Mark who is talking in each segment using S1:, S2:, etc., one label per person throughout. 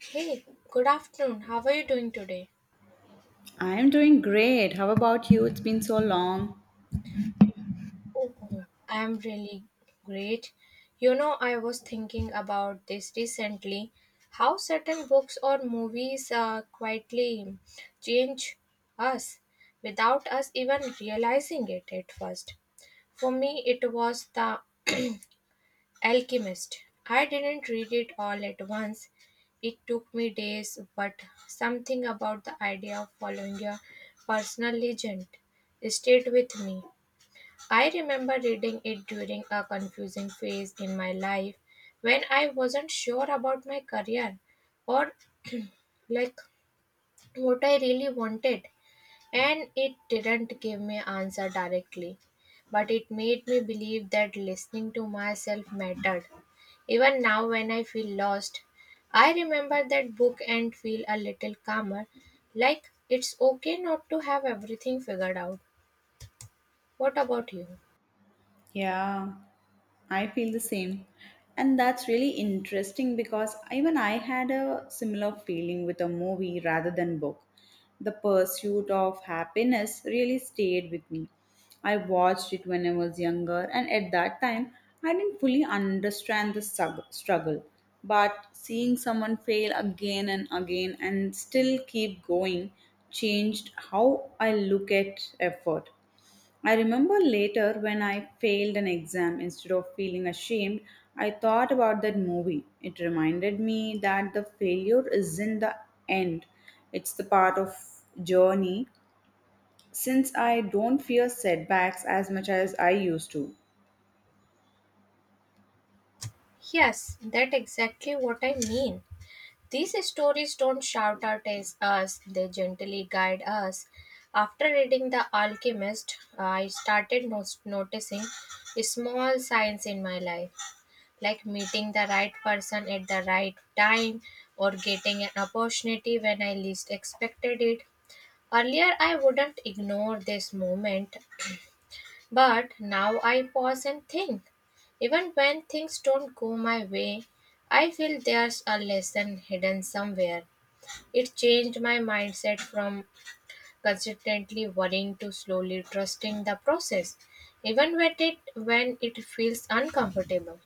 S1: Hey, good afternoon. How are you doing today?
S2: I am doing great. How about you? It's been so long.
S1: Oh, I am really great. You know, I was thinking about this recently how certain books or movies quietly change us without us even realizing it at first. For me, it was the Alchemist. I didn't read it all at once. It took me days, but something about the idea of following a personal legend stayed with me. I remember reading it during a confusing phase in my life when I wasn't sure about my career or like what I really wanted. And it didn't give me answer directly, but it made me believe that listening to myself mattered. Even now when I feel lost, I remember that book and feel a little calmer, like it's okay not to have everything figured out. What about you?
S2: Yeah, I feel the same. And that's really interesting because even I had a similar feeling with a movie rather than book. The Pursuit of Happiness really stayed with me. I watched it when I was younger, and at that time, I didn't fully understand the struggle. But seeing someone fail again and again and still keep going changed how I look at effort. I remember later when I failed an exam, instead of feeling ashamed, I thought about that movie. It reminded me that the failure isn't the end, it's the part of journey since I don't fear setbacks as much as I used to.
S1: Yes, that's exactly what I mean. These stories don't shout out at us, they gently guide us. After reading The Alchemist, I started noticing small signs in my life, like meeting the right person at the right time or getting an opportunity when I least expected it. Earlier, I wouldn't ignore this moment, but now I pause and think. Even when things don't go my way, I feel there's a lesson hidden somewhere. It changed my mindset from consistently worrying to slowly trusting the process, even when it feels uncomfortable.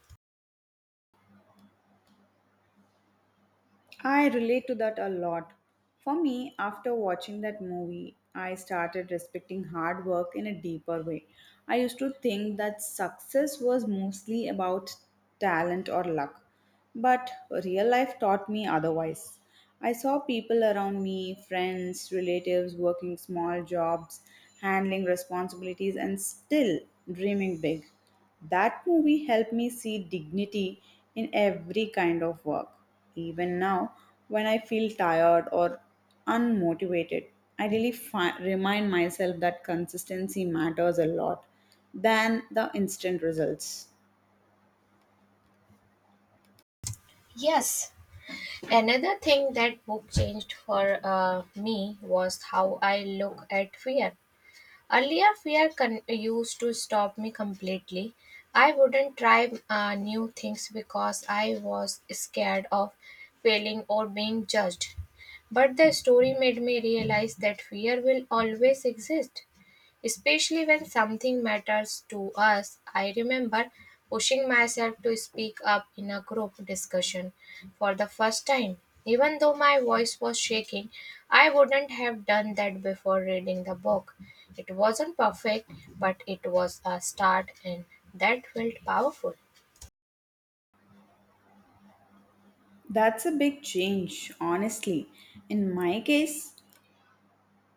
S2: I relate to that a lot. For me, after watching that movie, I started respecting hard work in a deeper way. I used to think that success was mostly about talent or luck, but real life taught me otherwise. I saw people around me, friends, relatives working small jobs, handling responsibilities, and still dreaming big. That movie helped me see dignity in every kind of work. Even now, when I feel tired or unmotivated, I remind myself that consistency matters a lot than the instant results.
S1: Yes, another thing that book changed for me was how I look at fear. Earlier, used to stop me completely. I wouldn't try new things because I was scared of failing or being judged. But the story made me realize that fear will always exist. Especially when something matters to us, I remember pushing myself to speak up in a group discussion for the first time. Even though my voice was shaking, I wouldn't have done that before reading the book. It wasn't perfect, but it was a start, and that felt powerful.
S2: That's a big change, honestly. In my case,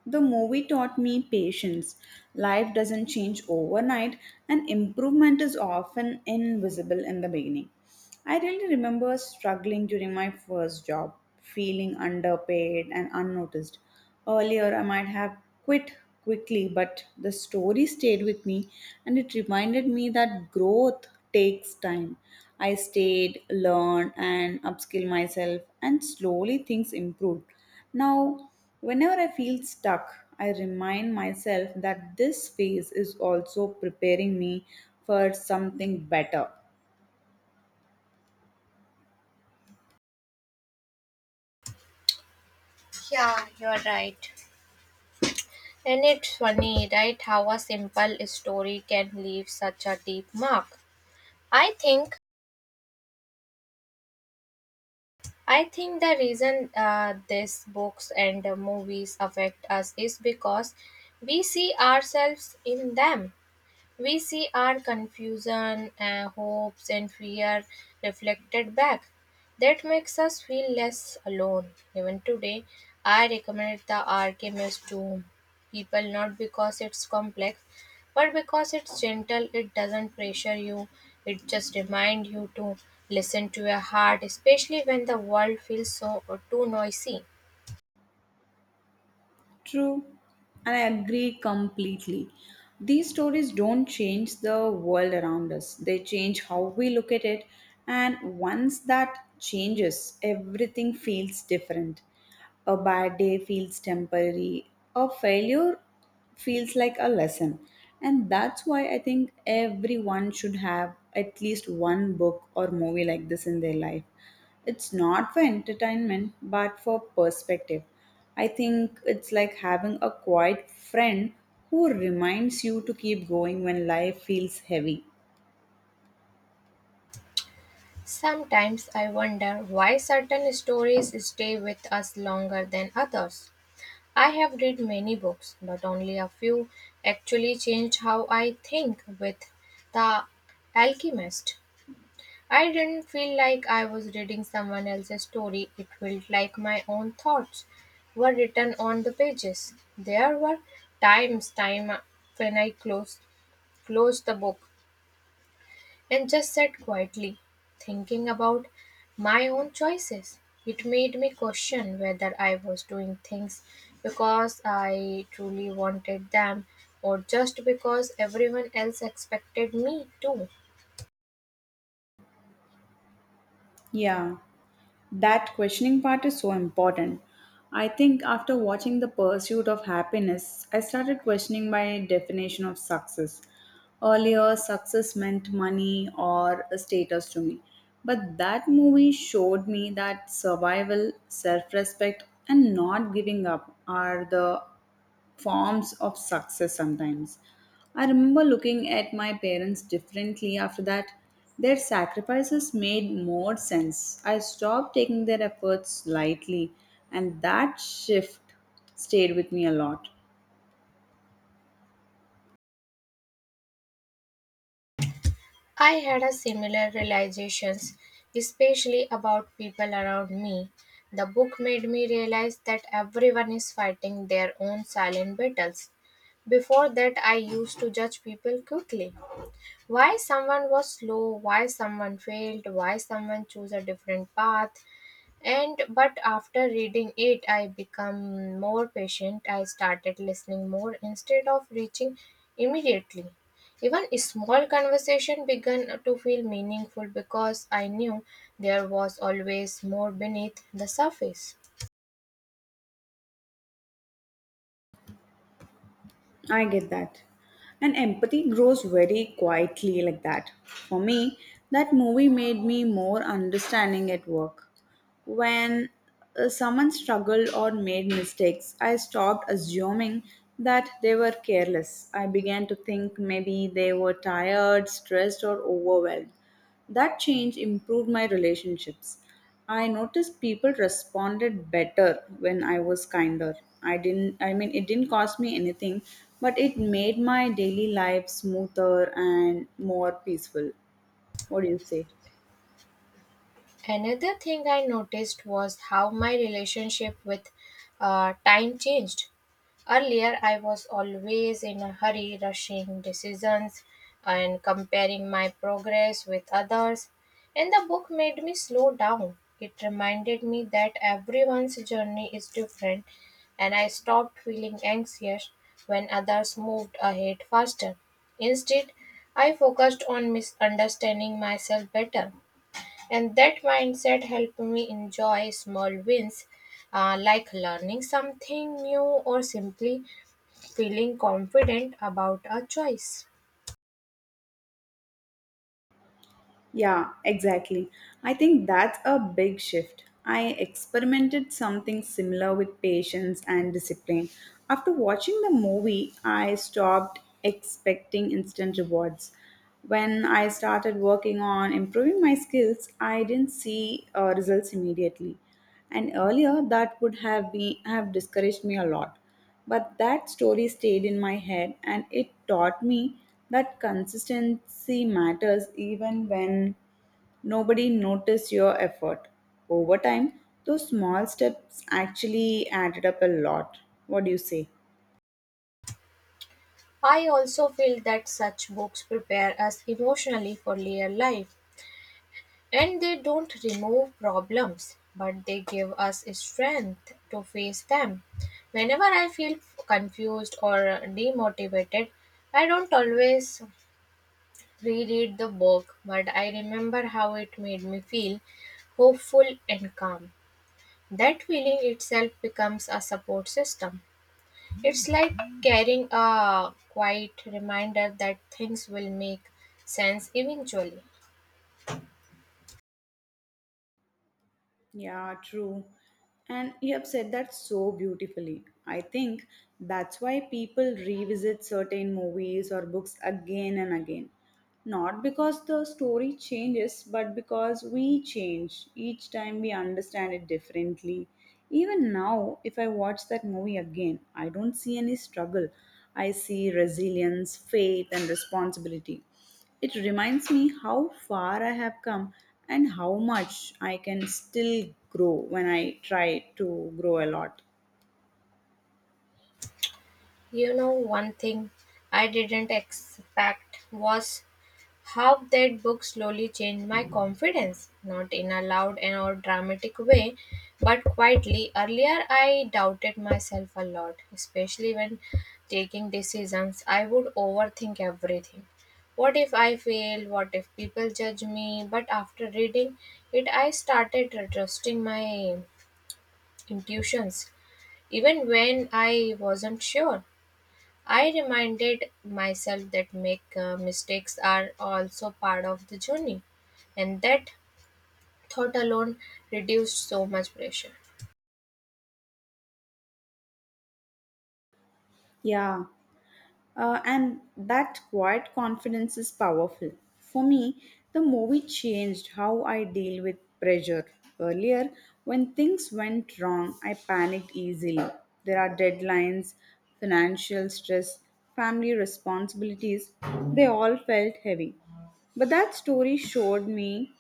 S2: the movie taught me patience. Life doesn't change overnight, and improvement is often invisible in the beginning. I really remember struggling during my first job, feeling underpaid and unnoticed. Earlier, I might have quit quickly, but the story stayed with me and it reminded me that growth takes time. I stayed, learned, and upskilled myself, and slowly things improved. Now, whenever I feel stuck, I remind myself that this phase is also preparing me for something better.
S1: Yeah, you're right. And it's funny, right, how a simple story can leave such a deep mark. I think I think the reason these books and movies affect us is because we see ourselves in them. We see our confusion, hopes, and fear reflected back. That makes us feel less alone. Even today, I recommend The Alchemist to people not because it's complex, but because it's gentle. It doesn't pressure you, it just reminds you to listen to your heart, especially when the world feels so or too noisy.
S2: True, and I agree completely. These stories don't change the world around us, they change how we look at it, and once that changes, everything feels different. A bad day feels temporary. A failure feels like a lesson. And that's why I think everyone should have at least one book or movie like this in their life. It's not for entertainment, but for perspective. I think it's like having a quiet friend who reminds you to keep going when life feels heavy.
S1: Sometimes I wonder why certain stories stay with us longer than others. I have read many books, but only a few actually changed how I think. With The Alchemist, I didn't feel like I was reading someone else's story, it felt like my own thoughts were written on the pages. There were times time when I closed the book and just sat quietly, thinking about my own choices. It made me question whether I was doing things because I truly wanted them or just because everyone else expected me to.
S2: Yeah. That questioning part is so important. I think after watching The Pursuit of Happiness, I started questioning my definition of success. Earlier, success meant money or a status to me. But that movie showed me that survival, self respect, and not giving up are the forms of success sometimes. I remember looking at my parents differently after that. Their sacrifices made more sense. I stopped taking their efforts lightly, and that shift stayed with me a lot.
S1: I had a similar realizations, especially about people around me. The book made me realize that everyone is fighting their own silent battles. Before that, I used to judge people quickly, why someone was slow, why someone failed, why someone chose a different path. And but after reading it, I become more patient. I started listening more instead of reaching immediately. Even a small conversation began to feel meaningful because I knew there was always more beneath the surface.
S2: I get that. And empathy grows very quietly like that. For me, that movie made me more understanding at work. When someone struggled or made mistakes, I stopped assuming that they were careless. I began to think maybe they were tired, stressed, or overwhelmed. That change improved my relationships. I noticed people responded better when I was kinder. I mean it didn't cost me anything, but it made my daily life smoother and more peaceful. What do you say?
S1: Another thing I noticed was how my relationship with time changed. Earlier, I was always in a hurry, rushing decisions and comparing my progress with others, and the book made me slow down. It reminded me that everyone's journey is different, and I stopped feeling anxious when others moved ahead faster. Instead, I focused on misunderstanding myself better, and that mindset helped me enjoy small wins like learning something new or simply feeling confident about our choice.
S2: Yeah, exactly. I think that's a big shift. I experimented something similar with patience and discipline. After watching the movie, I stopped expecting instant rewards. When I started working on improving my skills, I didn't see results immediately. And earlier, that would have discouraged me a lot. But that story stayed in my head, and it taught me that consistency matters even when nobody noticed your effort. Over time, those small steps actually added up a lot. What do you say?
S1: I also feel that such books prepare us emotionally for real life, and they don't remove problems but they give us strength to face them. Whenever I feel confused or demotivated, I don't always reread the book but I remember how it made me feel hopeful and calm. That feeling itself becomes a support system. It's like carrying a quiet reminder that things will make sense eventually.
S2: Yeah, true. And you have said that so beautifully. I think that's why people revisit certain movies or books again and again. Not because the story changes, but because we change. Each time we understand it differently. Even now, if I watch that movie again, I don't see any struggle. I see resilience, faith, and responsibility. It reminds me how far I have come and how much I can still grow when I try to grow a lot.
S1: You know, one thing I didn't expect was how that book slowly changed my confidence, not in a loud and or dramatic way, but quietly. Earlier, I doubted myself a lot, especially when taking decisions. I would overthink everything. What if I fail? What if people judge me? But after reading it, I started trusting my intuitions, even when I wasn't sure. I reminded myself that make mistakes are also part of the journey, and that thought alone reduced so much pressure.
S2: Yeah, and that quiet confidence is powerful. For me, the movie changed how I deal with pressure. Earlier, when things went wrong, I panicked easily. There are deadlines, financial stress, family responsibilities, they all felt heavy. But that story showed me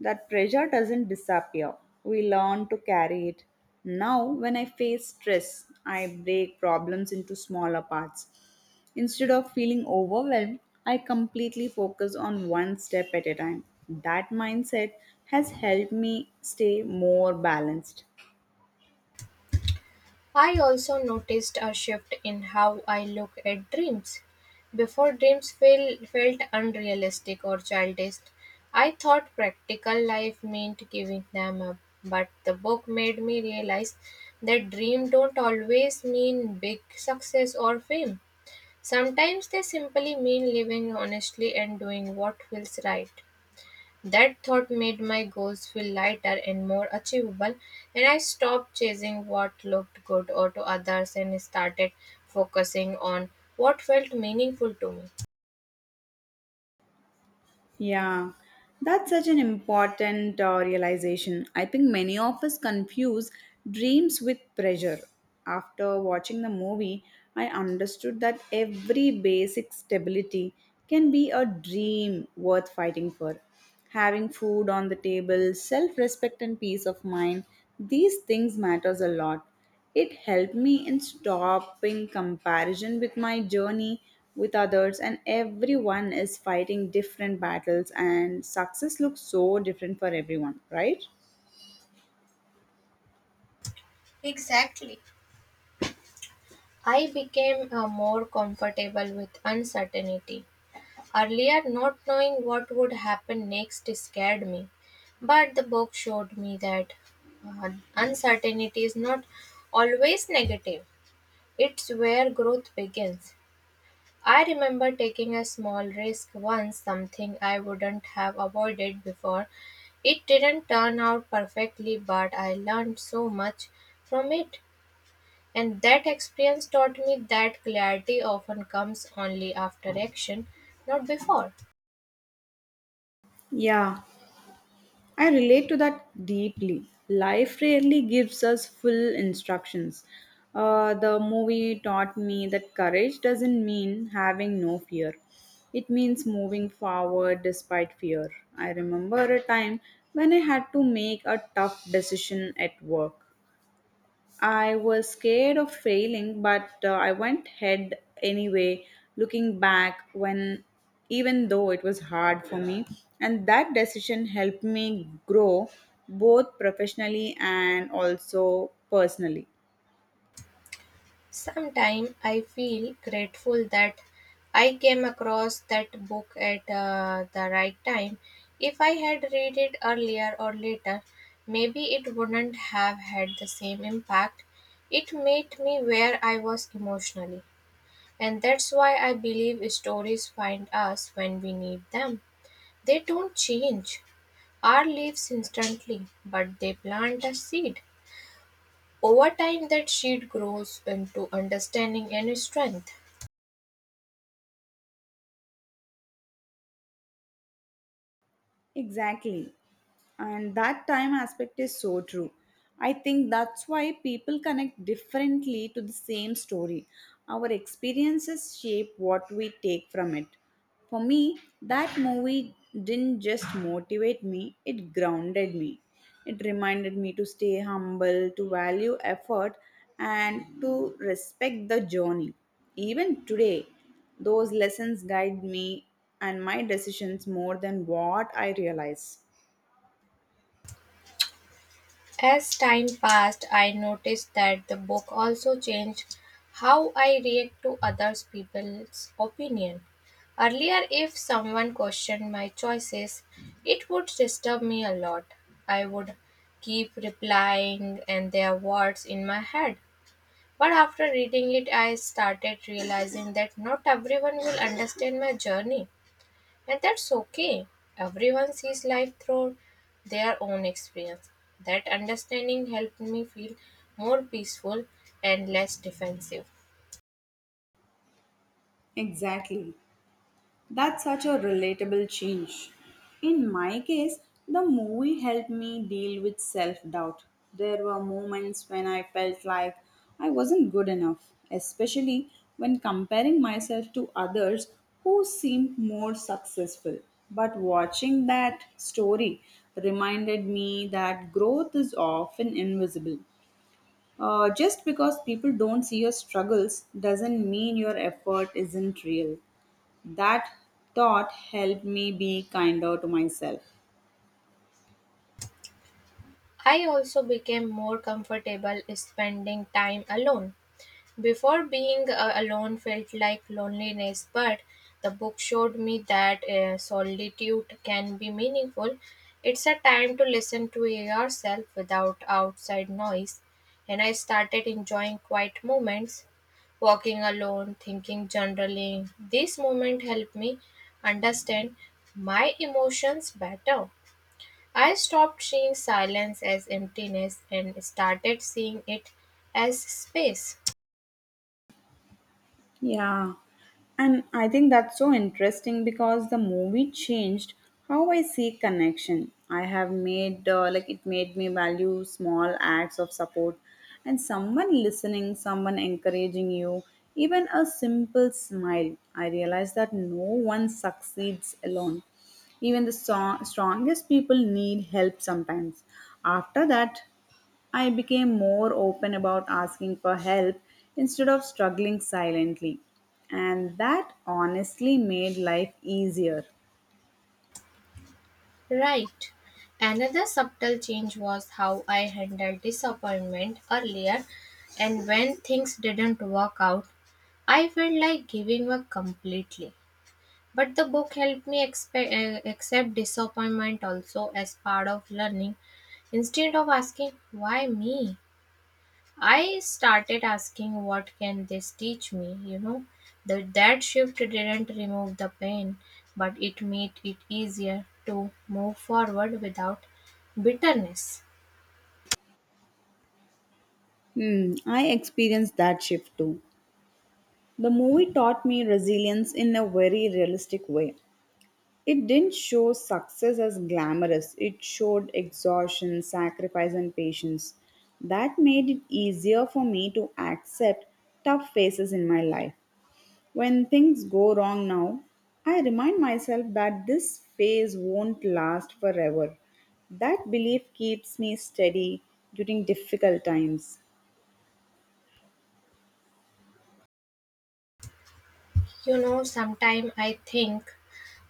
S2: that pressure doesn't disappear. We learn to carry it. Now, when I face stress, I break problems into smaller parts. Instead of feeling overwhelmed, I completely focus on one step at a time. That mindset has helped me stay more balanced.
S1: I also noticed a shift in how I look at dreams. Before felt unrealistic or childish, I thought practical life meant giving them up. But the book made me realize that dreams don't always mean big success or fame. Sometimes they simply mean living honestly and doing what feels right. That thought made my goals feel lighter and more achievable, and I stopped chasing what looked good or to others and started focusing on what felt meaningful to me.
S2: Yeah, that's such an important realization. I think many of us confuse dreams with pressure. After watching the movie, I understood that every basic stability can be a dream worth fighting for. Having food on the table, self-respect and peace of mind, these things matters a lot. It helped me in stopping comparison with my journey with others, and everyone is fighting different battles, and success looks so different for everyone, right?
S1: Exactly. I became more comfortable with uncertainty. Earlier, not knowing what would happen next scared me, but the book showed me that uh, uncertainty is not always negative, it's where growth begins. I remember taking a small risk once, something I wouldn't have avoided before. It didn't turn out perfectly, but I learned so much from it. And that experience taught me that clarity often comes only after action, not before.
S2: Yeah, I relate to that deeply. Life rarely gives us full instructions. The movie taught me that courage doesn't mean having no fear, it means moving forward despite fear. I remember a time when I had to make a tough decision at work. I was scared of failing, but I went ahead anyway, looking back when even though it was hard for me, and that decision helped me grow both professionally and also personally.
S1: Sometimes I feel grateful that I came across that book at the right time. If I had read it earlier or later, maybe it wouldn't have had the same impact. It made me where I was emotionally. And that's why I believe stories find us when we need them. They don't change our leaves instantly, but they plant a seed. Over time, that seed grows into understanding and strength.
S2: Exactly. And that time aspect is so true. I think that's why people connect differently to the same story. Our experiences shape what we take from it. For me, that movie didn't just motivate me, it grounded me. It reminded me to stay humble, to value effort, and to respect the journey. Even today, those lessons guide me and my decisions more than what I realize.
S1: As time passed, I noticed that the book also changed how I react to others people's opinion. Earlier, if someone questioned my choices, it would disturb me a lot. I would keep replying and their words in my head. But after reading it, I started realizing that not everyone will understand my journey. And that's okay. Everyone sees life through their own experience. That understanding helped me feel more peaceful and less defensive.
S2: Exactly. That's such a relatable change. In my case, the movie helped me deal with self doubt. There were moments when I felt like I wasn't good enough, especially when comparing myself to others who seemed more successful. But watching that story reminded me that growth is often invisible. Just because people don't see your struggles doesn't mean your effort isn't real. That thought helped me be kinder to myself.
S1: I also became more comfortable spending time alone. Before being alone felt like loneliness, but the book showed me that solitude can be meaningful. It's a time to listen to yourself without outside noise, and I started enjoying quiet moments, walking alone, thinking, journaling. This moment helped me understand my emotions better. I stopped seeing silence as emptiness and started seeing it as space.
S2: Yeah, and I think that's so interesting because the movie changed how I see connection. I have made like it made me value small acts of support and someone listening, someone encouraging you, even a simple smile. I realized that no one succeeds alone. Even the strongest people need help sometimes. After that, I became more open about asking for help instead of struggling silently. And that honestly made life easier.
S1: Right. Another subtle change was how I handled disappointment earlier, and when things didn't work out, I felt like giving up completely. But the book helped me accept disappointment also as part of learning instead of asking, why me? I started asking what can this teach me. The, that shift didn't remove the pain, but it made it easier to move forward without bitterness.
S2: Hmm, I experienced that shift too. The movie taught me resilience in a very realistic way. It didn't show success as glamorous, it showed exhaustion, sacrifice, and patience. That made it easier for me to accept tough phases in my life. When things go wrong now, I remind myself that this phase won't last forever. That belief keeps me steady during difficult times.
S1: You know, sometimes I think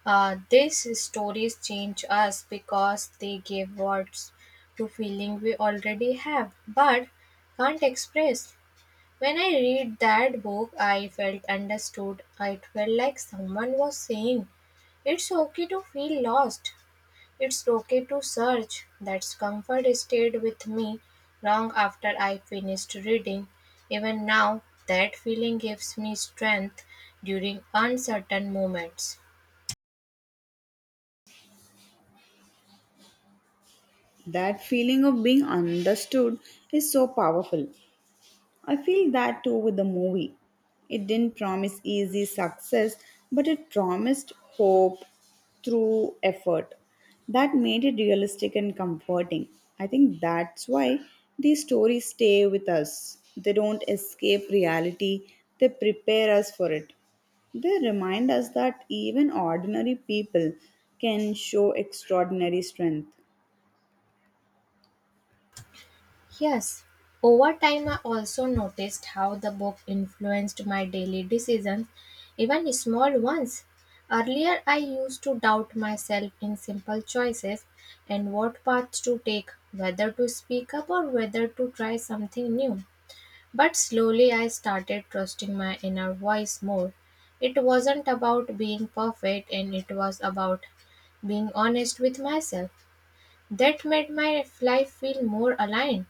S1: these stories change us because they give words to feeling we already have but can't express. When I read that book, I felt understood. It felt like someone was saying, it's okay to feel lost. It's okay to search. That comfort stayed with me long after I finished reading. Even now, that feeling gives me strength during uncertain moments.
S2: That feeling of being understood is so powerful. I feel that too with the movie. It didn't promise easy success, but it promised hope through effort. That made it realistic and comforting. I think that's why these stories stay with us. They don't escape reality, they prepare us for it. They remind us that even ordinary people can show extraordinary strength.
S1: Yes, over time I also noticed how the book influenced my daily decisions, even small ones. Earlier, I used to doubt myself in simple choices and what path to take, whether to speak up or whether to try something new. But slowly, I started trusting my inner voice more. It wasn't about being perfect and it was about being honest with myself. That made my life feel more aligned.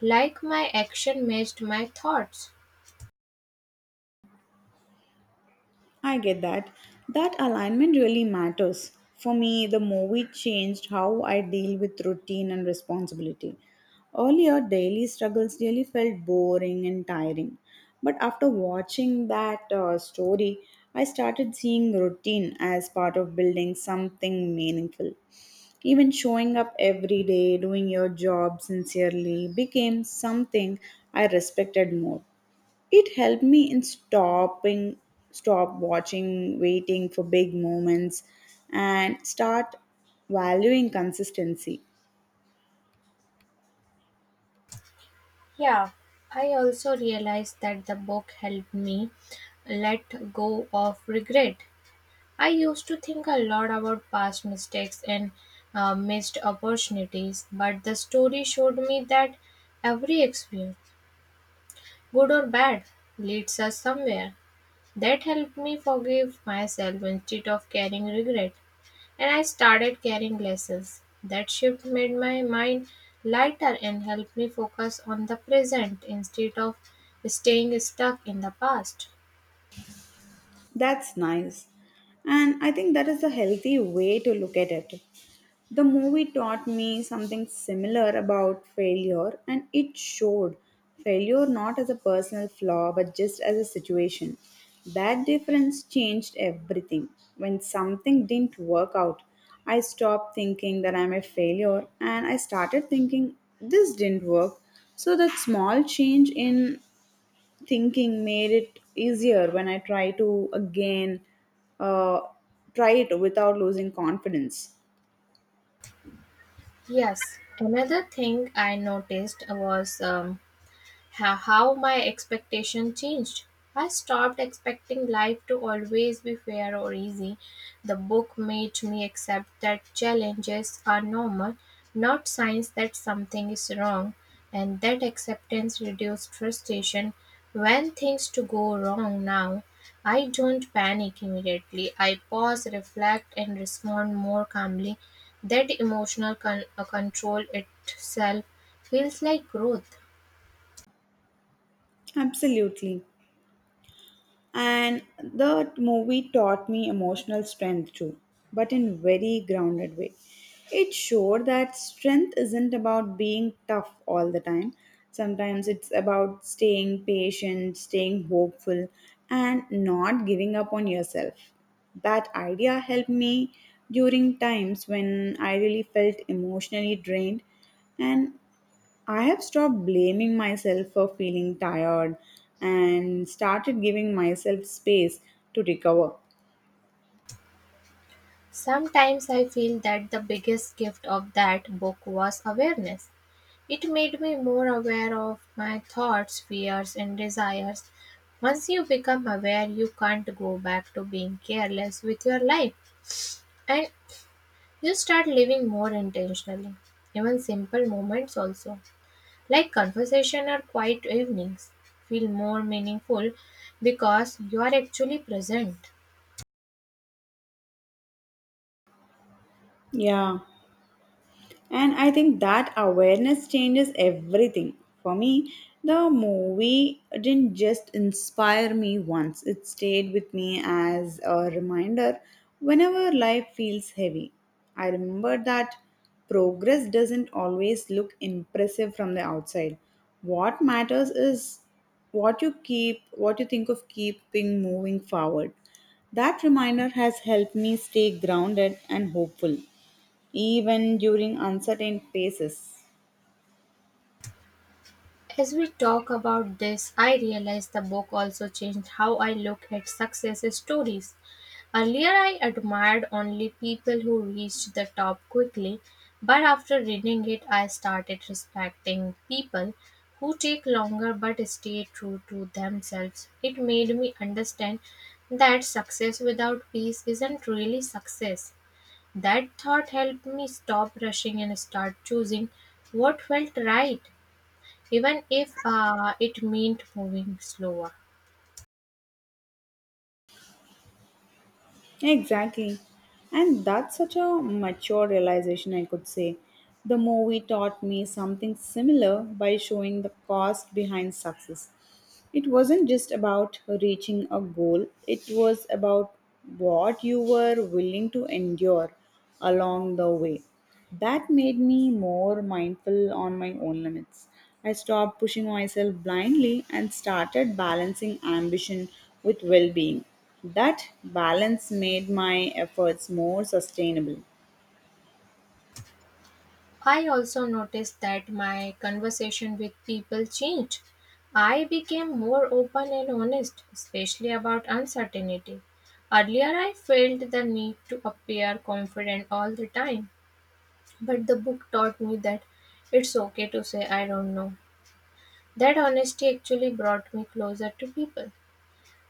S1: Like my action matched my thoughts.
S2: I get that. That alignment really matters. For me, the movie changed how I deal with routine and responsibility. Earlier, daily struggles really felt boring and tiring. But after watching that story, I started seeing routine as part of building something meaningful. Even showing up every day, doing your job sincerely became something I respected more. It helped me in stopping stop watching waiting for big moments and start valuing consistency.
S1: Yeah, I also realized that the book helped me let go of regret. I used to think a lot about past mistakes and missed opportunities, but the story showed me that every experience, good or bad, leads us somewhere. That helped me forgive myself instead of carrying regret, and I started carrying glasses. That shift made my mind lighter and helped me focus on the present instead of staying stuck in the past.
S2: That's nice. And I think that is a healthy way to look at it. The movie taught me something similar about failure, and it showed failure not as a personal flaw but just as a situation. That difference changed everything. When something didn't work out, I stopped thinking that I'm a failure and I started thinking this didn't work. So, that small change in thinking made it easier when I try to again uh, try it without losing confidence.
S1: Yes, another thing I noticed was how my expectation changed. I stopped expecting life to always be fair or easy. The book made me accept that challenges are normal, not signs that something is wrong, and that acceptance reduced frustration when things to go wrong now. I don't panic immediately. I pause, reflect, and respond more calmly. That control itself feels like growth.
S2: Absolutely. And the movie taught me emotional strength too, but in very grounded way. It showed that strength isn't about being tough all the time, sometimes it's about staying patient, staying hopeful, and not giving up on yourself. That idea helped me during times when I really felt emotionally drained, and I have stopped blaming myself for feeling tired and started giving myself space to recover.
S1: Sometimes I feel that the biggest gift of that book was awareness. It made me more aware of my thoughts, fears, and desires. Once you become aware, you can't go back to being careless with your life and you start living more intentionally. Even simple moments, also, like conversation or quiet evenings, feel more meaningful because you are actually present.
S2: Yeah, and I think that awareness changes everything. For me, the movie didn't just inspire me once, it stayed with me as a reminder whenever life feels heavy. I remember that progress doesn't always look impressive from the outside. What matters is what you keep, what you think of keeping moving forward. That reminder has helped me stay grounded and hopeful even during uncertain phases.
S1: As we talk about this, I realize the book also changed how I look at success stories. Earlier, I admired only people who reached the top quickly, but after reading it, I started respecting people who take longer but stay true to themselves. It made me understand that success without peace isn't really success. That thought helped me stop rushing and start choosing what felt right even if it meant moving slower.
S2: Exactly. And that's such a mature realization, I could say. The movie taught me something similar by showing the cost behind success. It wasn't just about reaching a goal, it was about what you were willing to endure along the way. That made me more mindful on my own limits. I stopped pushing myself blindly and started balancing ambition with well being. That balance made my efforts more sustainable.
S1: I also noticed that my conversation with people changed. I became more open and honest, especially about uncertainty. Earlier, I felt the need to appear confident all the time, but the book taught me that it's okay to say I don't know. That honesty actually brought me closer to people.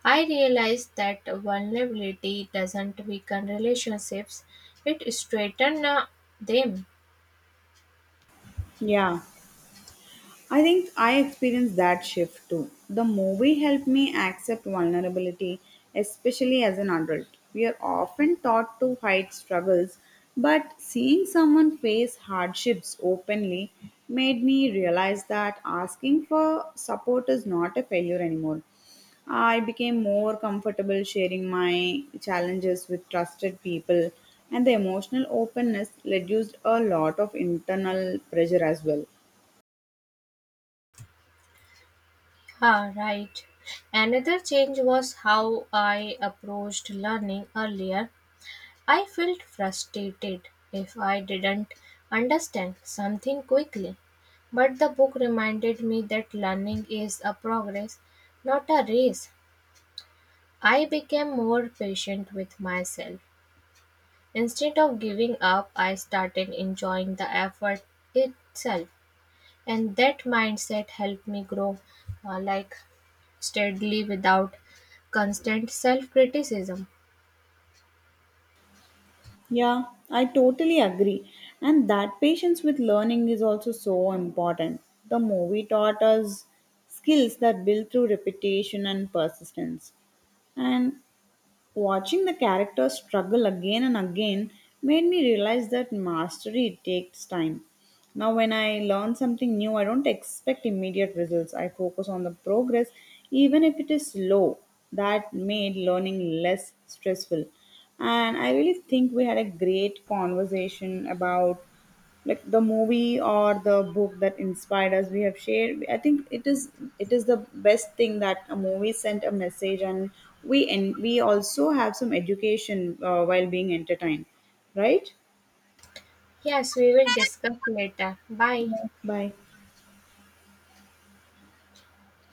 S1: I realized that vulnerability doesn't weaken relationships, it strengthens them.
S2: Yeah, I think I experienced that shift too. The movie helped me accept vulnerability, especially as an adult. We are often taught to hide struggles, but seeing someone face hardships openly made me realize that asking for support is not a failure anymore. I became more comfortable sharing my challenges with trusted people, and the emotional openness reduced a lot of internal pressure as well.
S1: Ah, right. Another change was how I approached learning earlier. I felt frustrated if I didn't understand something quickly. But the book reminded me that learning is a progress, not a race. I became more patient with myself. Instead of giving up, I started enjoying the effort itself, and that mindset helped me grow uh, like steadily without constant self criticism.
S2: Yeah, I totally agree. And that patience with learning is also so important. The movie taught us skills that build through repetition and persistence. And watching the characters struggle again and again made me realize that mastery takes time. Now, when I learn something new, I don't expect immediate results. I focus on the progress, even if it is slow. That made learning less stressful. And I really think we had a great conversation about the movie or the book that inspired us we have shared. I think it is the best thing that a movie sent a message, and we also have some education while being entertained, right?
S1: Yes, we will discuss later. Bye.
S2: Bye.